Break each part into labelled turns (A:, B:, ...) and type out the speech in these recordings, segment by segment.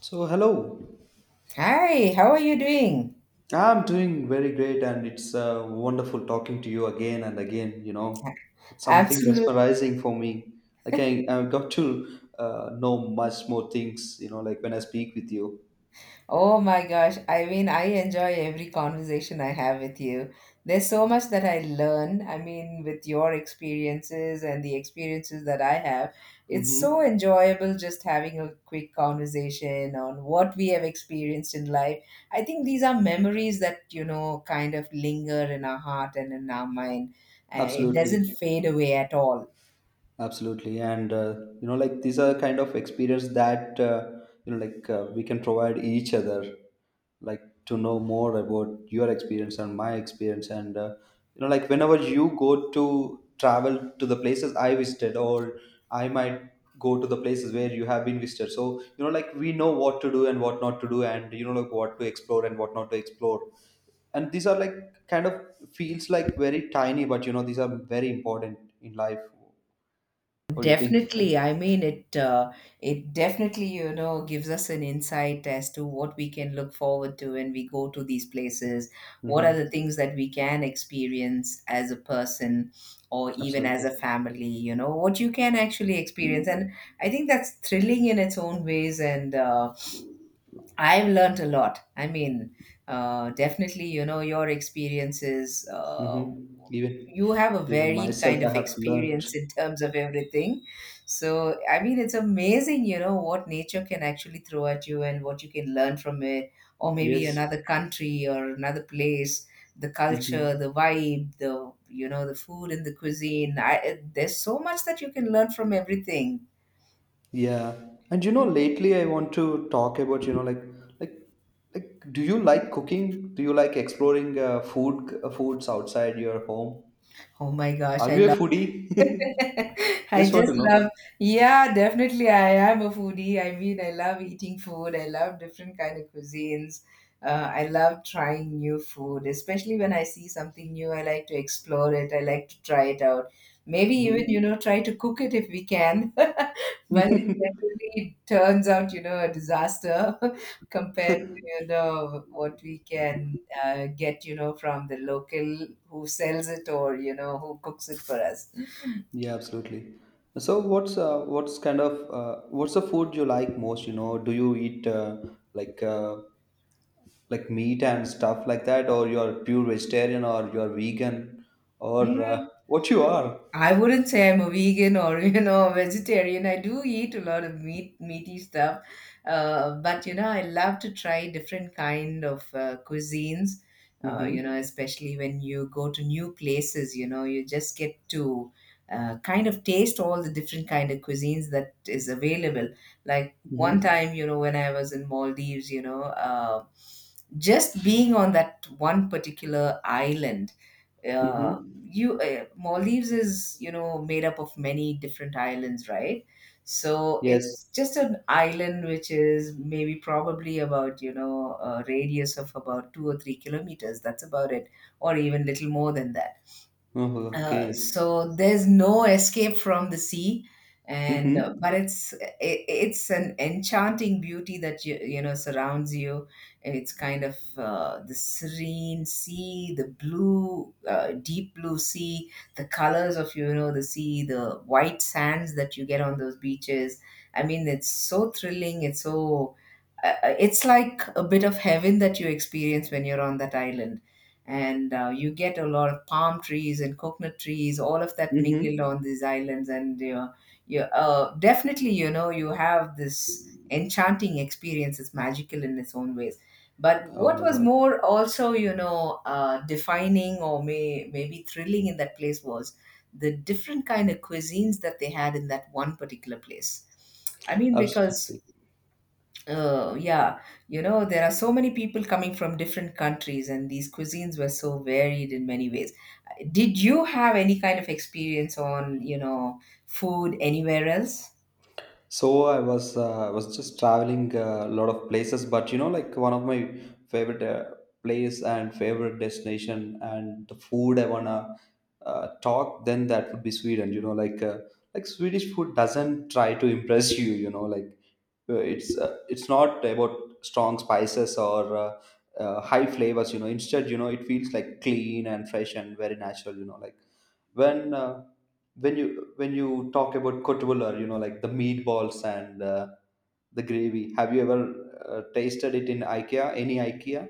A: So, hello.
B: Hi, how are you doing?
A: I'm doing very great, and it's wonderful talking to you again and again. You know, it's something
B: Absolutely.
A: mesmerizing for me. Like, I got to know much more things, you know, like when I speak with you.
B: Oh my gosh. I mean, I enjoy every conversation I have with you. There's so much that I learn. I mean, with your experiences and the experiences that I have, it's so
A: Mm-hmm.
B: enjoyable just having a quick conversation on what we have experienced in life. I think these are memories that, you know, kind of linger in our heart and in our mind. It doesn't
A: Absolutely.
B: fade away at all.
A: Absolutely, and you know, like these are kind of experience that you know, we can provide each other, like to know more about your experience and my experience, and you know, like whenever you go to travel to the places I visited, or I might go to the places where you have been visited. So you know, like we know what to do and what not to do, and you know, like what to explore and what not to explore. And these are like kind of feels like very tiny, but you know, these are very important in life, what do you think?
B: Definitely. I mean, it definitely, you know, gives us an insight as to what we can look forward to when we go to these places. What are
A: Hmm.
B: the things that we can experience as a person or even as
A: Absolutely.
B: a family, you know, what you can actually experience? And I think that's thrilling in its own ways, and I've learnt a lot. I mean, definitely, you know, your experiences,
A: Hmm. Even
B: you have a
A: even
B: varied
A: myself,
B: kind
A: I
B: of
A: have learned.
B: experience in terms of everything. So, I mean, it's amazing, you know, what nature can actually throw at you and what you can learn from it, or maybe
A: Yes.
B: another country or another place, the culture, the
A: Hmm.
B: vibe, the, you know, the food and the cuisine. There's so much that you can learn from everything.
A: Yeah. And you know, lately I want to talk about, like do you like cooking? Do you like exploring foods outside your home?
B: Oh my gosh,
A: Are
B: I
A: you a
B: love.
A: foodie?
B: I
A: Just want
B: just
A: to know.
B: love, yeah, definitely. I am a foodie. I mean, I love eating food. I love different kind of cuisines. I love trying new food, especially when I see something new. I like to explore it. I like to try it out. Maybe even,
A: Mhm.
B: you know, try to cook it if we can. But it definitely turns out, you know, a disaster. Compared to, you know, what we can get, you know, from the local who sells it, or, you know, who cooks it for us.
A: Yeah, absolutely. So what's kind of what's the food you like most? You know, do you eat like uh, like meat and stuff like that, or you're pure vegetarian, or you're vegan, or
B: Hmm.
A: what you are.
B: I wouldn't say I'm a vegan or you know a vegetarian. I do eat a lot of meat, meaty stuff, but you know, I love to try different kind of cuisines.
A: Mm-hmm.
B: You know, especially when you go to new places, you know, you just get to kind of taste all the different kind of cuisines that is available. Like one
A: Mm-hmm.
B: time, you know, when I was in Maldives, you know, just being on that one particular island
A: Mm-hmm.
B: you Maldives is, you know, made up of many different islands, right? So
A: Yes.
B: it's just an island which is maybe probably about, you know, a radius of about 2 or 3 kilometers. That's about it, or even little more than that.
A: Oh, okay.
B: So there's no escape from the sea, and
A: Mm-hmm.
B: but it's an enchanting beauty that you know surrounds you. It's kind of the serene sea, the blue deep blue sea, the colors of, you know, the sea, the white sands that you get on those beaches. I mean, it's so thrilling. It's like a bit of heaven that you experience when you're on that island. And you get a lot of palm trees and coconut trees, all of that mingled
A: Mm-hmm.
B: on these islands. And, you know, you definitely, you know, you have this enchanting experience. It's magical in its own ways. But
A: Oh
B: what
A: my
B: was
A: God.
B: more also, you know, defining or maybe thrilling in that place was the different kind of cuisines that they had in that one particular place. I mean, because.
A: Absolutely.
B: Oh, yeah. You know, there are so many people coming from different countries, and these cuisines were so varied in many ways. Did you have any kind of experience on, you know, food anywhere else?
A: So I was just traveling a lot of places, but you know, like one of my favorite place and favorite destination and the food I wanna talk, then that would be Sweden. You know, like Swedish food doesn't try to impress you. You know, it's not about strong spices or high flavors. You know, instead, you know, it feels like clean and fresh and very natural. You know, when uh, when you when you talk about kotbullar, you know, like the meatballs and the gravy, have you ever tasted it in IKEA, any IKEA?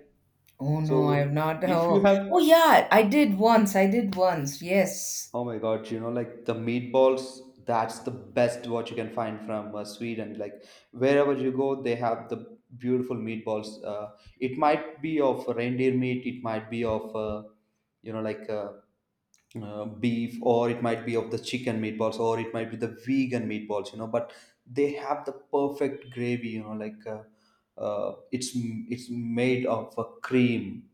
B: Oh, no, I've
A: So
B: not.
A: if you
B: Oh,
A: have,
B: oh yeah, I did once. I did once. Yes.
A: oh my God, you know, like the meatballs, that's the best what you can find from Sweden. Like wherever you go, they have the beautiful meatballs. It might be of reindeer meat, it might be of, you know, like uh, beef, or it might be of the chicken meatballs, or it might be the vegan meatballs, you know. But they have the perfect gravy, you know, it's made of a cream,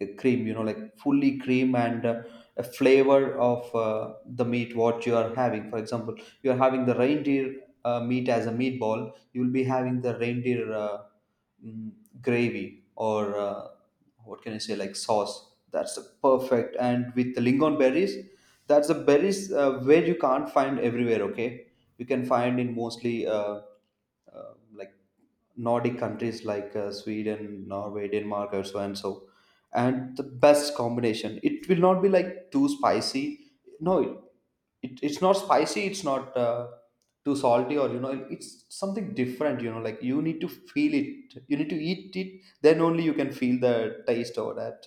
A: you know, like fully cream. And a flavor of the meat what you are having. For example, you are having the reindeer meat as a meatball, you will be having the reindeer mm, gravy, or what can I say, like sauce. That's the perfect. And with the lingon berries, that's the berries where you can't find everywhere. Okay, you can find in mostly like Nordic countries like Sweden, Norway, Denmark, or so and so. And the best combination. It will not be like too spicy. No, it's not spicy. It's not too salty, or you know, it's something different. You know, like you need to feel it. You need to eat it. Then only you can feel the taste of that.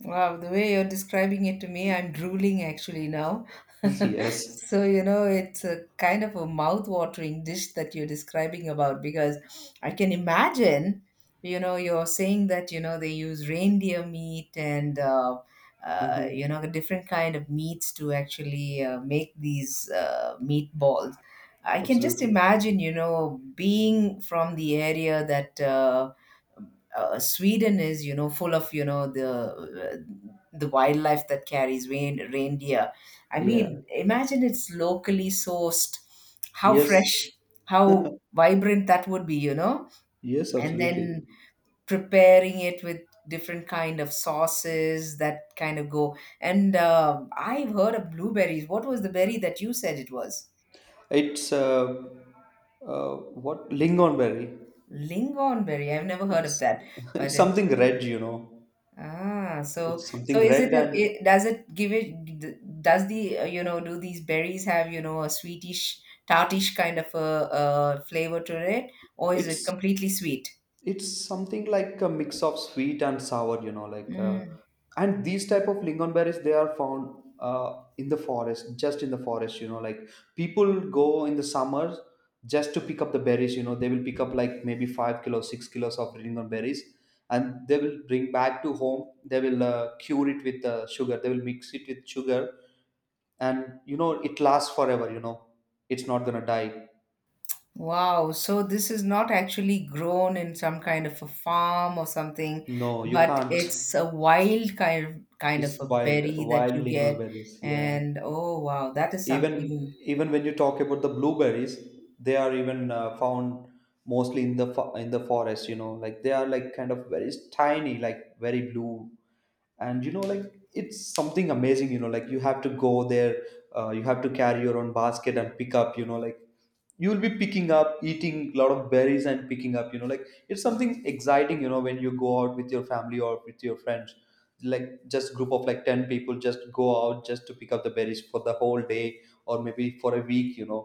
B: Wow, the way you're describing it to me, I'm drooling actually now.
A: Yes.
B: So, you know, it's a kind of a mouth-watering dish that you're describing about, because I can imagine, you know, you're saying that, you know, they use reindeer meat and, you know, the
A: Hmm.
B: different kind of meats to actually make these meatballs. I can just
A: Absolutely.
B: imagine, you know, being from the area that, Sweden is, you know, full of, you know, the wildlife that carries reindeer. I
A: Yeah.
B: mean, imagine it's locally sourced. How
A: Yes.
B: fresh, how vibrant that would be, you know.
A: Yes.
B: And
A: Absolutely.
B: then preparing it with different kind of sauces that kind of go. And I've heard of blueberries. What was the berry that you said it was?
A: It's What, lingonberry.
B: Lingonberry. I've never heard of
A: It's
B: that, but
A: it's
B: it's
A: something red, you know.
B: ah, so
A: It's
B: so
A: something
B: is it,
A: red,
B: a,
A: and
B: it does it give it does the you know, do these berries have, you know, a sweetish tartish kind of a flavor to it, or is it
A: it's
B: completely sweet?
A: it's something like a mix of sweet and sour, you know,
B: Mm,
A: and these type of lingon berries, they are found in the forest, just in the forest, you know, like people go in the summers just to pick up the berries. You know, they will pick up like maybe 5 kilos, 6 kilos of lingon berries, and they will bring back to home. They will cure it with sugar. They will mix it with sugar, and you know, it lasts forever, you know. It's not gonna die.
B: wow, so this is not actually grown in some kind of a farm or something,
A: No, you
B: but
A: can't.
B: it's a wild kind of kind
A: It's
B: of a
A: wild,
B: berry that
A: wild
B: you get.
A: lingonberries, yeah.
B: And oh wow, that is
A: even
B: something.
A: even when you talk about the blueberries, they are even found mostly in the in the forest, you know. Like they are like kind of very tiny, like very blue. And you know, like it's something amazing, you know, like you have to go there. You have to carry your own basket and pick up, you know, like you'll be picking up, eating a lot of berries and picking up, you know. Like it's something exciting, you know, when you go out with your family or with your friends, like just group of like 10 people just go out just to pick up the berries for the whole day or maybe for a week, you know.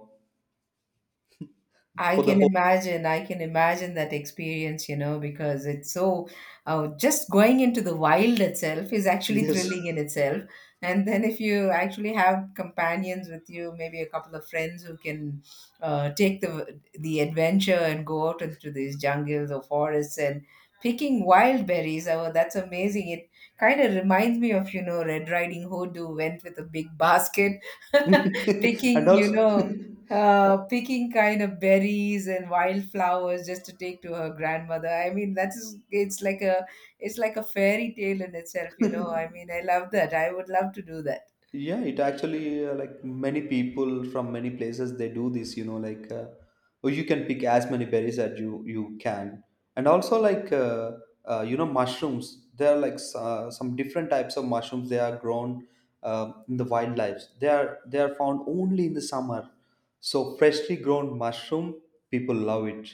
B: I
A: For the
B: can
A: whole,
B: imagine. I can imagine that experience, you know, because it's so just going into the wild itself is actually
A: yes.
B: thrilling in itself. And then if you actually have companions with you, maybe a couple of friends who can take the adventure and go out into these jungles or forests and picking wild berries. Oh, that's amazing. It kind of reminds me of, you know, Red Riding Hood, who went with a big basket
A: And
B: picking, you
A: also.
B: know, picking kind of berries and wildflowers just to take to her grandmother. I mean, that is, it's like a fairy tale in itself, you know. I mean, I love that. I would love to do that.
A: Yeah, it actually like many people from many places, they do this, you know, or you can pick as many berries as you can. And also you know, mushrooms, there are like some different types of mushrooms, they are grown in the wildlife. They are found only in the summer, so freshly grown mushroom, people love it.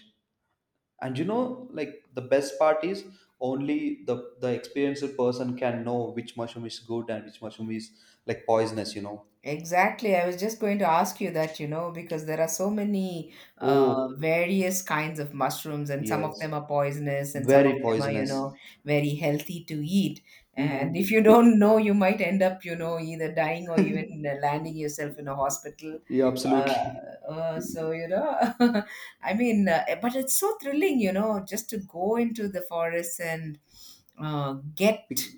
A: And you know, like the best part is only the experienced person can know which mushroom is good and which mushroom is like poisonous, you know.
B: Exactly. I was just going to ask you that, you know, because there are so many
A: Oh
B: various kinds of mushrooms, and some of
A: yes,
B: them are poisonous, and some of
A: very
B: them are, you
A: poisonous.
B: know, very healthy to eat. And if you
A: Mm-hmm.
B: don't know, you might end up, you know, either dying, or even landing yourself in a hospital.
A: Yeah,
B: uh,
A: absolutely.
B: so you know. I mean, but it's so thrilling, you know, just to go into the forest and get
A: Bec-,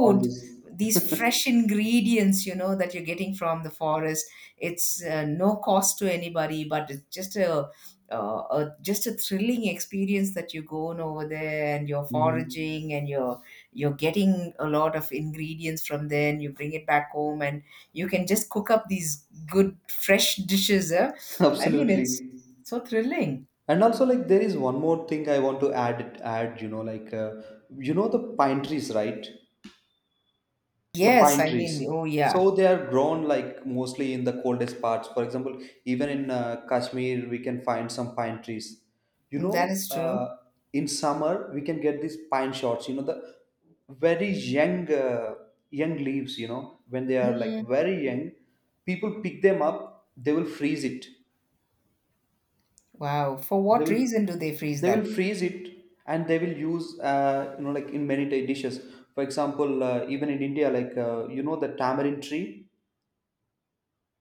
A: all this.
B: these fresh ingredients, you know, that you're getting from the forest. It's no cost to anybody, but it's just a thrilling experience that you go on over there, and you're
A: Mm-hmm.
B: foraging, and you're getting a lot of ingredients from there, and you bring it back home. And you can just cook up these good fresh dishes. Eh? I mean,
A: Absolutely.
B: it's so thrilling.
A: And also like there is one more thing I want to add, you know, you know, the pine trees, right? The
B: Yes,
A: pine
B: I mean,
A: trees.
B: oh yeah.
A: So they are grown like mostly in the coldest parts. For example, even in Kashmir, we can find some pine trees. You
B: Mm, that
A: know,
B: is true.
A: in summer we can get these pine shoots. You know, the very young young leaves. You know, when they are like
B: Mm.
A: very young, people pick them up. They will freeze it.
B: Wow. For
A: They
B: what
A: will
B: reason do they freeze
A: they
B: that?
A: will freeze it, and they will use, you know, like in many dishes. For example, even in India, you know, the tamarind tree.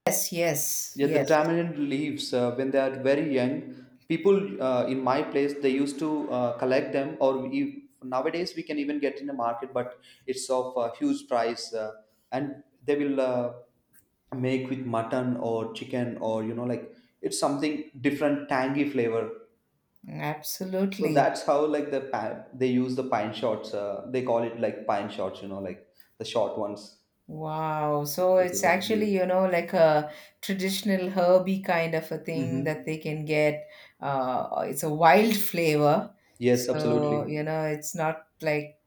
B: Yes, yes,
A: Yeah, the
B: yes.
A: tamarind leaves, when they are very young, people in my place they used to collect them, or we, nowadays we can even get in the market, but it's of a huge price. And they will make with mutton or chicken, or you know, like it's something different tangy flavor. So
B: Absolutely.
A: that's how like the they use the pine shots. They call it like pine shots, you know, like the short ones.
B: Wow. So
A: Those
B: it's
A: are the
B: actually,
A: beautiful.
B: you know, like a traditional herby kind of a thing that
A: Hmm.
B: they can get. It's a wild flavor.
A: Yes,
B: So,
A: absolutely.
B: you know, it's not like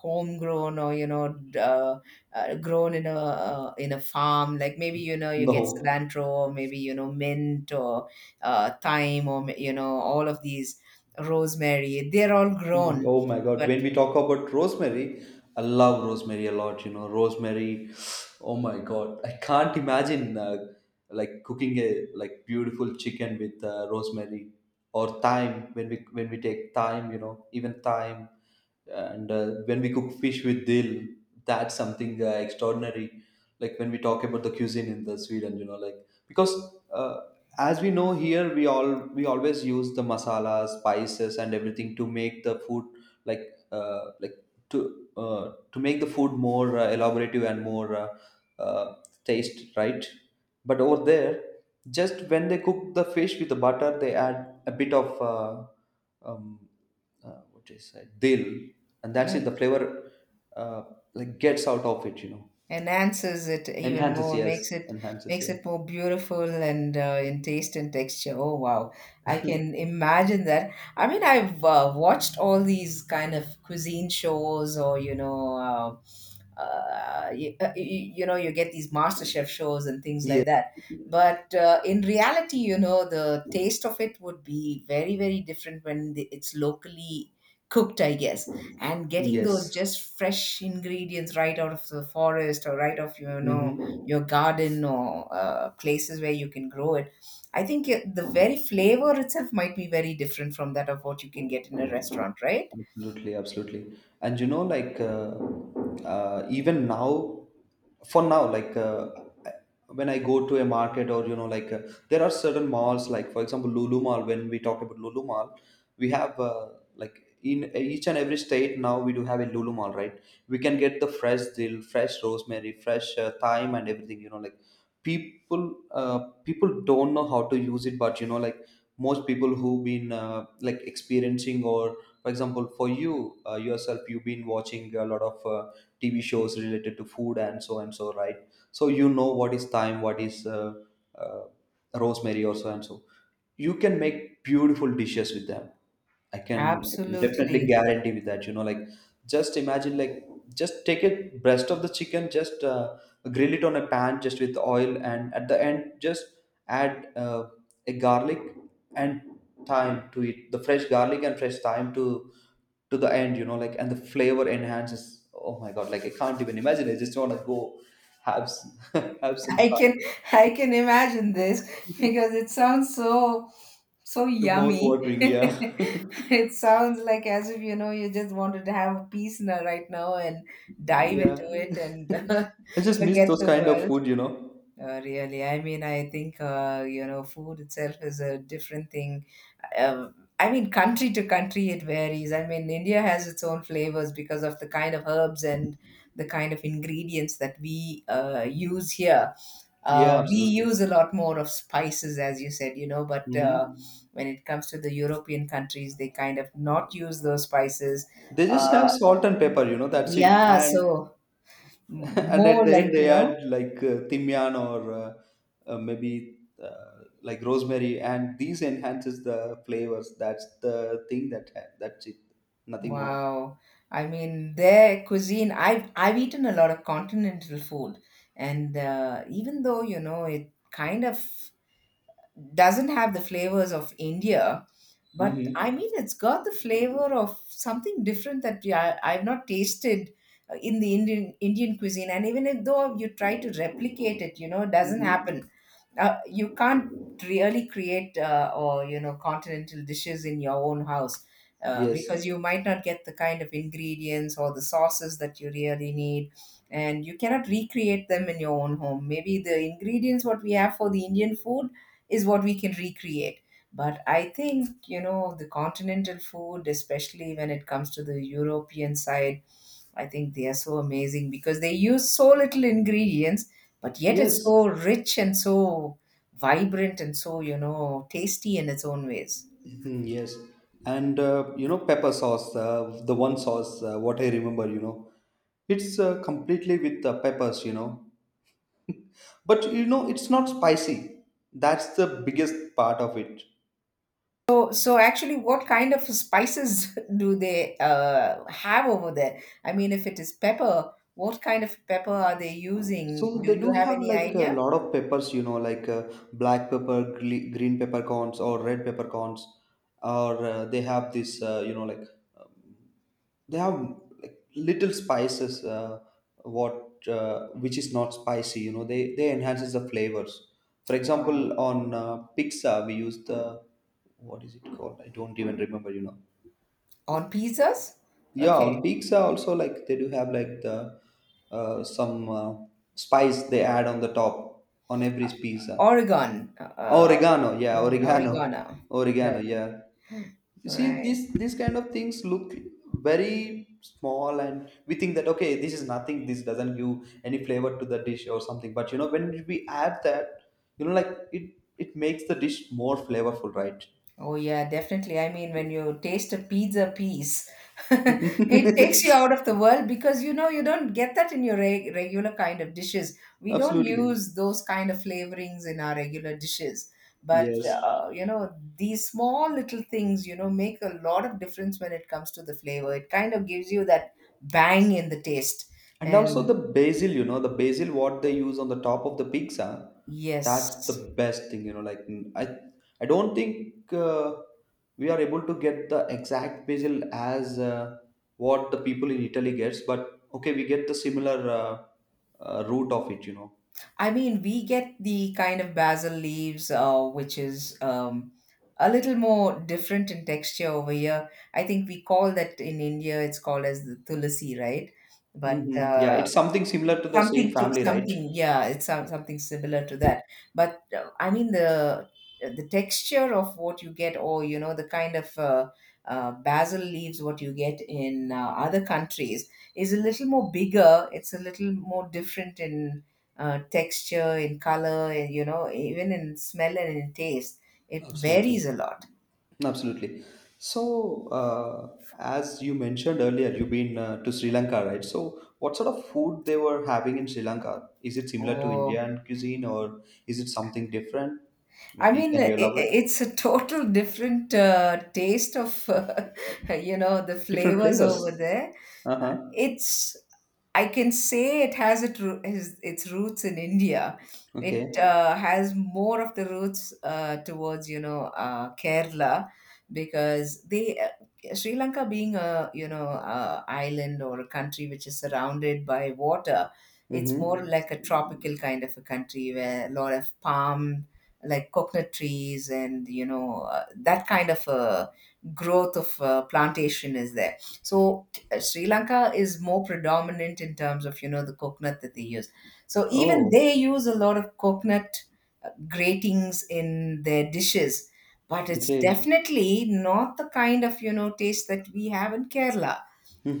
B: homegrown, or, you know, grown in a in a farm. Like, maybe, you know, you get
A: No.
B: cilantro, or maybe, you know, mint, or thyme, or, you know, all of these, rosemary. They're all
A: Mhm.
B: grown.
A: Oh my God.
B: But
A: When we talk about rosemary, I love rosemary a lot. You know, rosemary. Oh my God. I can't imagine like cooking a like beautiful chicken with rosemary or thyme. When we take thyme, you know, even thyme, and when we cook fish with dill, that's something extraordinary. Like when we talk about the cuisine in the Sweden, you know, like because uh, as we know, here we all we always use the masalas spices and everything to make the food, like uh, like to make the food more elaborative and more uh, taste, right? But over there, just when they cook the fish with the butter, they add a bit of um, what is it, dill, and that's it.
B: mm,
A: The flavor uh, like gets out of it, you know.
B: enhances it even
A: Enhances,
B: more,
A: yes,
B: makes it
A: enhances,
B: makes
A: yeah.
B: it more beautiful and in taste and texture. Oh wow, I can imagine that. I mean, I've watched all these kind of cuisine shows, or you know, you know, you get these master chef shows and things
A: Yes,
B: like that. But in reality, you know, the taste of it would be very very different when it's locally cooked, I guess. And getting those
A: yes.
B: just fresh ingredients right out of the forest or right off, you know, your
A: Mm-hmm.
B: garden, or places where you can grow it, I think the very flavor itself might be very different from that of what you can get in a restaurant, right?
A: Absolutely, absolutely. And you know, even now, for now, I- when I go to a market or you know, there are certain malls, like for example, Lulu Mall. When we talk about Lulu Mall, we have like in each and every state, now we do have a Lulu Mall, right? We can get the fresh dill, fresh rosemary, fresh thyme, and everything. You know, like people, uh, people don't know how to use it, but you know, like most people who've been like experiencing, or for example for you, yourself, you've been watching a lot of tv shows related to food and so and so, right? So you know what is thyme, what is uh, rosemary or so and so. You can make beautiful dishes with them. I can definitely
B: Absolutely.
A: guarantee with that. You know, like just imagine, like just take a breast of the chicken, just grill it on a pan, just with oil, and at the end, just add a garlic and thyme to it, the fresh garlic and fresh thyme to the end. You know, like and the flavor enhances. Oh my God, like I can't even imagine. I just want to go have s- have some
B: i
A: thyme.
B: can I can imagine this, because it sounds so so
A: The mouth
B: yummy.
A: watering, yeah,
B: It sounds like, as if, you know, you just wanted to have a peace now, right now, and dive into
A: yeah.
B: it, and
A: I just miss
B: forget
A: those
B: the
A: kind of
B: world.
A: food, you know.
B: Really, I mean, I think you know, food itself is a different thing. I mean, country to country, it varies. I mean, India has its own flavors because of the kind of herbs and the kind of ingredients that we use here.
A: Yeah,
B: We
A: absolutely.
B: use a lot more of spices, as you said, you know, but
A: Hmm
B: when it comes to the European countries, they kind of not use those spices.
A: They just have
B: Uh,
A: salt and pepper, you know, that's it.
B: yeah,
A: And
B: so m-
A: and at
B: more
A: the
B: like,
A: end
B: you
A: they
B: know.
A: add like timian or maybe like rosemary, and these enhances the flavors. That's the thing that's it. Nothing more.
B: Wow. I mean, their cuisine, I've eaten a lot of continental food, and even though, you know, it kind of doesn't have the flavors of India, but I mean,
A: Mm-hmm.
B: it's got the flavor of something different that I've not tasted in the Indian cuisine. And even if though you try to replicate it, you know, it doesn't happen,
A: Mm-hmm.
B: you can't really create, or you know, continental dishes in your own house,
A: Yes.
B: because you might not get the kind of ingredients or the sauces that you really need, and you cannot recreate them in your own home. Maybe the ingredients what we have for the Indian food is what we can recreate, but I think, you know, the continental food, especially when it comes to the European side, I think they are so amazing because they use so little ingredients, but yet it's
A: Yes.
B: so rich and so vibrant and so, you know, tasty in its own ways.
A: Mhm, yes. And you know, pepper sauce, the one sauce, what I remember, you know, it's completely with the peppers, you know. But you know, it's not spicy. That's the biggest part of it.
B: So actually, what kind of spices do they have over there? I mean, if it is pepper, what kind of pepper are they using?
A: So
B: Do
A: they
B: you
A: do
B: have
A: have
B: any
A: like a
B: idea?
A: lot of peppers, you know, like black pepper, green peppercorns, or red peppercorns, or they have this, you know, like um, they have like little spices, what which is not spicy. You know, they enhances the flavors. For
B: Wow.
A: example, on pizza we use the what is it called? I don't even remember. You know,
B: On pizzas?
A: yeah, on
B: Okay.
A: pizza also like they do have like the some spice they add on the top on every pizza.
B: Oregon.
A: Oregano, yeah, oregano,
B: Oregano.
A: oregano,
B: Right,
A: yeah. You see,
B: right.
A: these kind of things look very small, and we think that, okay, this is nothing. This doesn't give any flavor to the dish or something. But you know, when we add that, you know, like it makes the dish more flavorful, right?
B: Oh yeah, definitely. I mean, when you taste a pizza piece, it takes you out of the world because you know you don't get that in your regular kind of dishes. We don't
A: Absolutely,
B: use those kind of flavorings in our regular dishes. But,
A: yes.
B: you know, these small little things, you know, make a lot of difference when it comes to the flavor. It kind of gives you that bang in the taste.
A: And also the
B: And
A: basil, you know, the basil what they use on the top of the pizza, that's the
B: yes.
A: best thing, you know. I don't think we are able to get the exact basil as what the people in Italy gets, but okay, we get the similar root of it, you know.
B: I mean, we get the kind of basil leaves, which is, a little more different in texture over here. I think we call that in India, it's called as the tulsi, right? But,
A: Hmm Yeah, it's something similar to the same
B: something to
A: family, right?
B: something, yeah, it's something similar to that. But, I mean, the texture of what you get, or, you know, the kind of basil leaves what you get in other countries, is a little more bigger. It's a little more different in texture, in color, and, you know, even in smell and in taste, it
A: Absolutely.
B: varies a lot.
A: Absolutely. So, as you mentioned earlier, you've been to Sri Lanka, right? So, what sort of food they were having in Sri Lanka? Is it similar to
B: Oh,
A: Indian cuisine or is it something different?
B: I
A: Maybe
B: mean,
A: can you elaborate?
B: it's a total different taste of you know, the
A: Different
B: flavors
A: flavors.
B: over there.
A: Uh-huh.
B: It's I can say it has its roots in India. It
A: Okay.
B: has more of the roots towards, you know, Kerala, because they Sri Lanka, being a, you know, island, or a country which is surrounded by water, it's more
A: Mm-hmm.
B: like a tropical kind of a country where a lot of palm, like coconut trees, and, you know, that kind of a growth of plantation is there. So, Sri Lanka is more predominant in terms of, you know, the coconut that they use. So even they
A: Oh,
B: use a lot of coconut, gratings in their dishes, but it's
A: okay.
B: definitely not the kind of, you know, taste that we have in Kerala.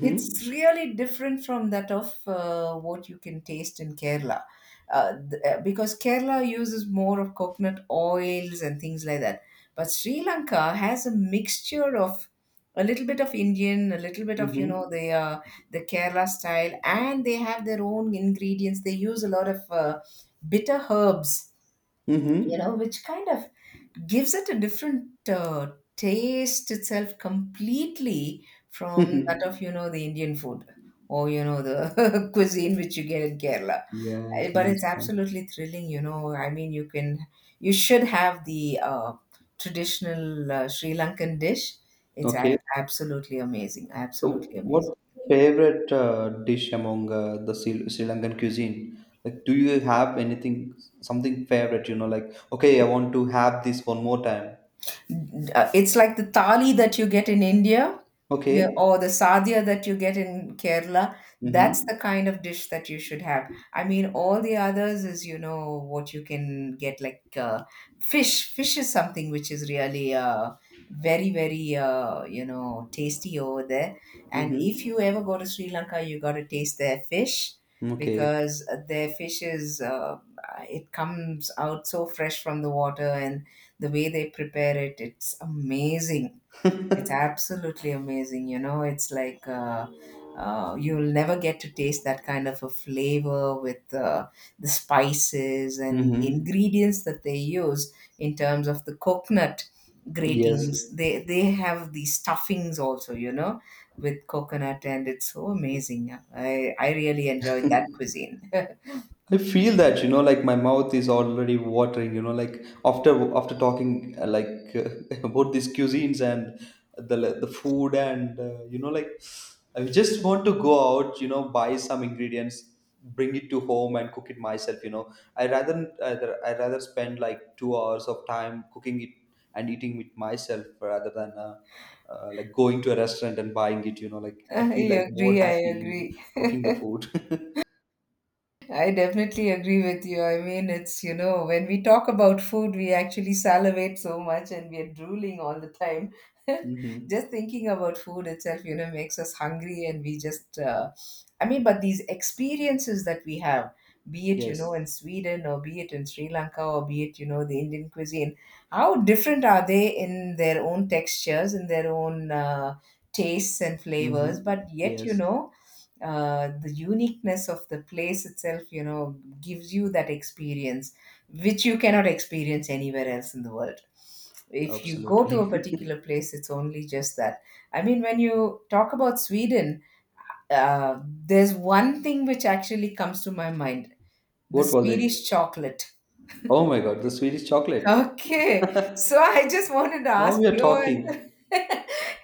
B: It's really different from that of what you can taste in Kerala. Because Kerala uses more of coconut oils and things like that. But Sri Lanka has a mixture of a little bit of Indian, a little bit of, you know,
A: Mm-hmm.
B: the Kerala style, and they have their own ingredients. They use a lot of bitter herbs, you
A: Mm-hmm.
B: know, which kind of gives it a different taste itself, completely from that of, you know, the Indian food, or, you know, the cuisine which you get in Kerala.
A: yeah, I
B: But
A: can
B: it's
A: understand.
B: absolutely thrilling, you know. I mean, you should have the traditional Sri Lankan dish. It's
A: Okay.
B: absolutely amazing,
A: So,
B: absolutely amazing.
A: what favorite dish among the Sri Lankan cuisine? Like, do you have anything, something favorite? You know, like, okay, I want to have this one more time.
B: It's like the thali that you get in India, yeah,
A: Okay.
B: or the sadhya that you get in Kerala. That's
A: Mm-hmm.
B: the kind of dish that you should have. I mean, all the others is, you know, what you can get, like, fish. Fish is something which is really very, very, you know, tasty over there. And if you
A: Mm-hmm.
B: ever go to Sri Lanka, you got to taste their fish,
A: Okay.
B: because their fish is, it comes out so fresh from the water, and the way they prepare it, it's amazing. It's absolutely amazing, you know. It's like, you'll never get to taste that kind of a flavor with the spices and the
A: Mm-hmm.
B: ingredients that they use in terms of the coconut
A: Yes.
B: gratings. They have these stuffings also, you know, with coconut, and it's so amazing. I really enjoyed that cuisine.
A: I feel that, you know, like my mouth is already watering. You know, like after after talking uh, about these cuisines and the food and you know, like I just want to go out. You know, buy some ingredients, bring it to home and cook it myself. You know, I rather spend like 2 hours of time cooking it and eating it myself rather than like going to a restaurant and buying it. You know, like I feel
B: i
A: like more
B: agree i
A: happy
B: agree
A: in cooking the food.
B: I definitely agree with you. I mean, it's, you know, when we talk about food, we actually salivate so much, and we are drooling all the time. Just
A: hmm
B: thinking about food itself, you know, makes us hungry, and I mean, but these experiences that we have, be it, you know,
A: Yes.
B: in Sweden, or be it in Sri Lanka, or be it, you know, the Indian cuisine, how different are they in their own textures, in their own, tastes and flavors?
A: Mm-hmm.
B: But yet, you
A: Yes,
B: know, the uniqueness of the place itself, you know, gives you that experience which you cannot experience anywhere else in the world. If you go to a
A: absolutely.
B: particular place, it's only just that. I mean, when you talk about Sweden, there's one thing which actually comes to my mind: the
A: What was it?
B: Swedish chocolate.
A: Oh my God, the Swedish chocolate.
B: Okay. So I just wanted to
A: Now
B: ask
A: we are
B: you, and
A: talking.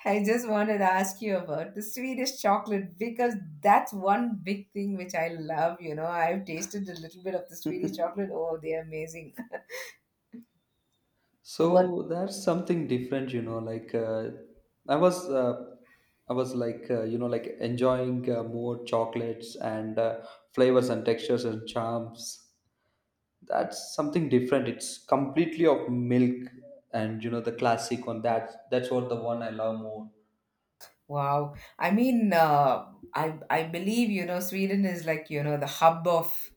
B: I just wanted to ask you about the Swedish chocolate, because that's one big thing which I love, you know. I've tasted a little bit of the Swedish chocolate. Oh, they're amazing. What?
A: So that's something different, you know. I was, uh, I was like, you know, like enjoying more chocolates and flavors and textures and charms. That's something different. It's completely of milk, and you know the classic one. That that's what the one I love more.
B: Wow. I mean, I believe, you know, Sweden is like, you know, the hub of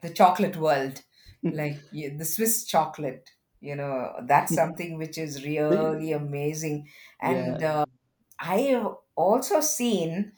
B: the chocolate world. Like, the Swiss chocolate, you know, that's something which is
A: They,
B: really amazing. And
A: yeah.
B: I have also seen,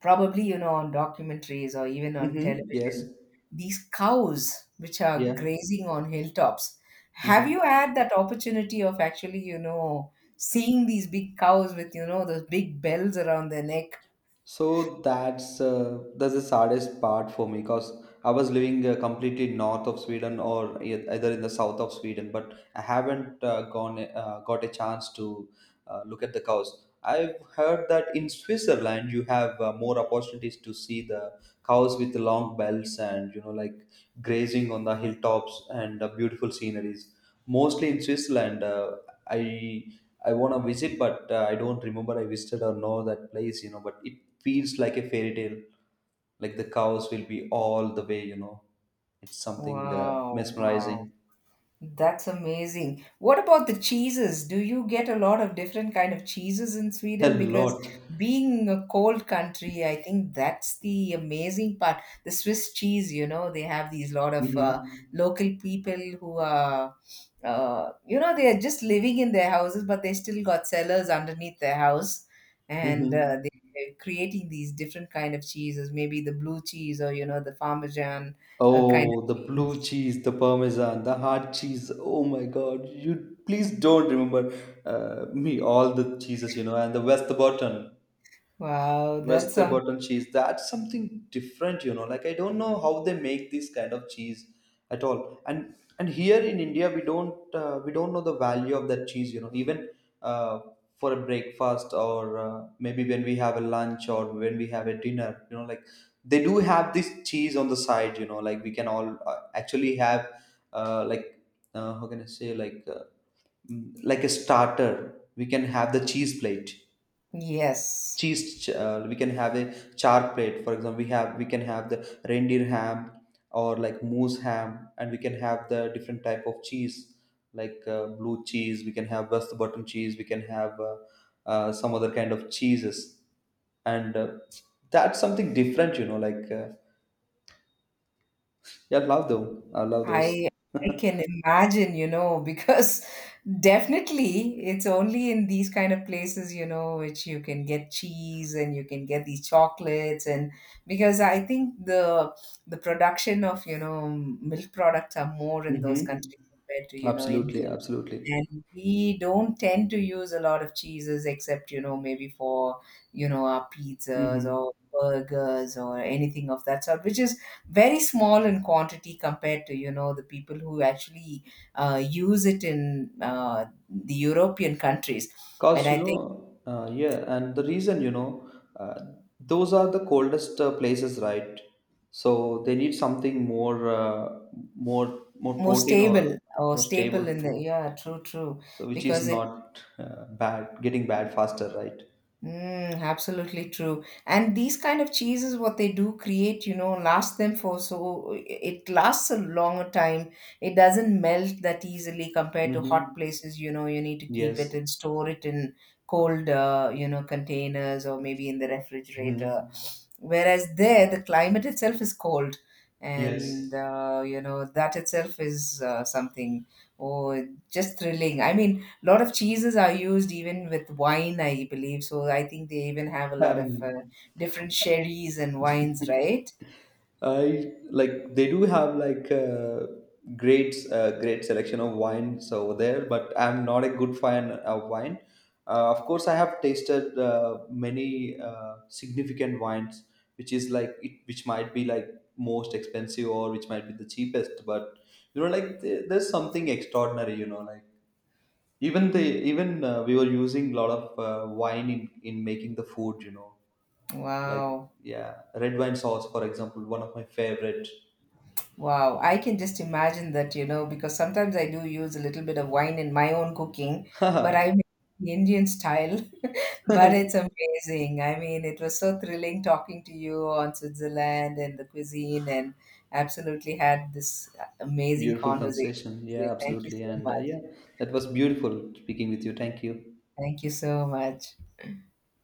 B: probably, you know, on documentaries or even on
A: Mm-hmm. Yes.
B: television, these cows which are
A: Yeah.
B: grazing on hilltops. Have
A: Mm-hmm.
B: you had that opportunity of actually, you know, seeing these big cows with, you know, those big bells around their neck?
A: So that's the saddest part for me because I was living completely north of Sweden or either in the south of Sweden, but I haven't gone got a chance to look at the cows. I've heard that in Switzerland you have more opportunities to see the cows with long bells and, you know, like grazing on the hilltops and beautiful sceneries. Mostly in Switzerland, I I want to visit, but I don't remember I visited or know that place, you know. But it feels like a fairy tale, like the cows will be all the way, you know. It's something
B: Wow, wow.
A: mesmerizing.
B: That's amazing. What about the cheeses? Do you get a lot of different kind of cheeses in
A: A
B: Sweden? Because
A: lot.
B: being a cold country, I think that's the amazing part. The Swiss cheese, you know, they have these lot of
A: Mm-hmm.
B: local people who are, you know, they are just living in their houses, but they still got cellars underneath their house, and they-
A: Mm-hmm.
B: they're creating these different kind of cheeses. Maybe the blue cheese, or, you know, the Parmesan kind
A: Oh,
B: of
A: the blue
B: cheese.
A: cheese, the parmesan, the hard cheese. Oh my God! You please don't remember me all the cheeses, you know, and the West Button.
B: Wow, that's something.
A: Westerborton cheese. That's something different, you know. Like I don't know how they make this kind of cheese at all. And here in India, we don't know the value of that cheese, you know. Even uh, for a breakfast or maybe when we have a lunch or when we have a dinner, you know, like they do have this cheese on the side, you know. Like we can all actually have uh, like how can I say, like, like a starter. We can have the cheese plate
B: Yes,
A: we can have a char plate. For example, we can have the reindeer ham or like moose ham, and we can have the different type of cheese like blue cheese, we can have west bottom cheese, we can have some other kind of cheeses, and that's something different, you know. Yeah, I love them, I love those.
B: I I can imagine, you know, because definitely it's only in these kind of places, you know, which you can get cheese, and you can get these chocolates. And because I think the production of, you know, milk products are more in those
A: Mm-hmm.
B: countries compared to, you know,
A: Absolutely,
B: India.
A: absolutely.
B: And we don't tend to use a lot of cheeses except, you know, maybe for, you know, our pizzas
A: Mm-hmm.
B: or burgers or anything of that sort, which is very small in quantity compared to, you know, the people who actually use it in the European countries. And I think
A: Yeah, and the reason, you know, uh, those are the coldest places, right? So they need something more, more
B: more
A: protein or
B: stable or
A: more stable
B: staple in the,
A: food.
B: yeah, true, true,
A: So which is
B: because it
A: not bad, getting bad faster, right?
B: mm, absolutely true. And these kind of cheeses, what they do create, you know, last them for, so it lasts a longer time. It doesn't melt that easily compared to hot
A: Mm-hmm.
B: places. You know, you need to keep it
A: Yes.
B: and store it in cold, you know, containers, or maybe in the
A: hmm
B: refrigerator. Whereas there, the climate itself is cold, and
A: Yes.
B: you know, that itself is something, oh, just thrilling. I mean, lot of cheeses are used even with wine, I believe. So I think they even have a lot of
A: Um,
B: different sherries and wines, right?
A: I like they do have like great selection of wines over there, but I'm not a good fan of wine. Of course, I have tasted many significant wines, which is like it, which might be like most expensive or which might be the cheapest. But you know, like there's something extraordinary. You know, like even the even we were using a lot of wine in making the food. You know, like
B: Wow.
A: yeah, red wine sauce, for example, one of my favorite.
B: Wow. I can just imagine that, you know, because sometimes I do use a little bit of wine in my own cooking, but
A: Haha.
B: I make the Indian style. But it's amazing. I mean, it was so thrilling talking to you on Switzerland and the cuisine, and absolutely had this amazing
A: Beautiful
B: conversation
A: conversation.
B: with you.
A: Yeah,
B: Thank you
A: absolutely.
B: so
A: And
B: much.
A: yeah, that was beautiful speaking with you. Thank you.
B: Thank you so much.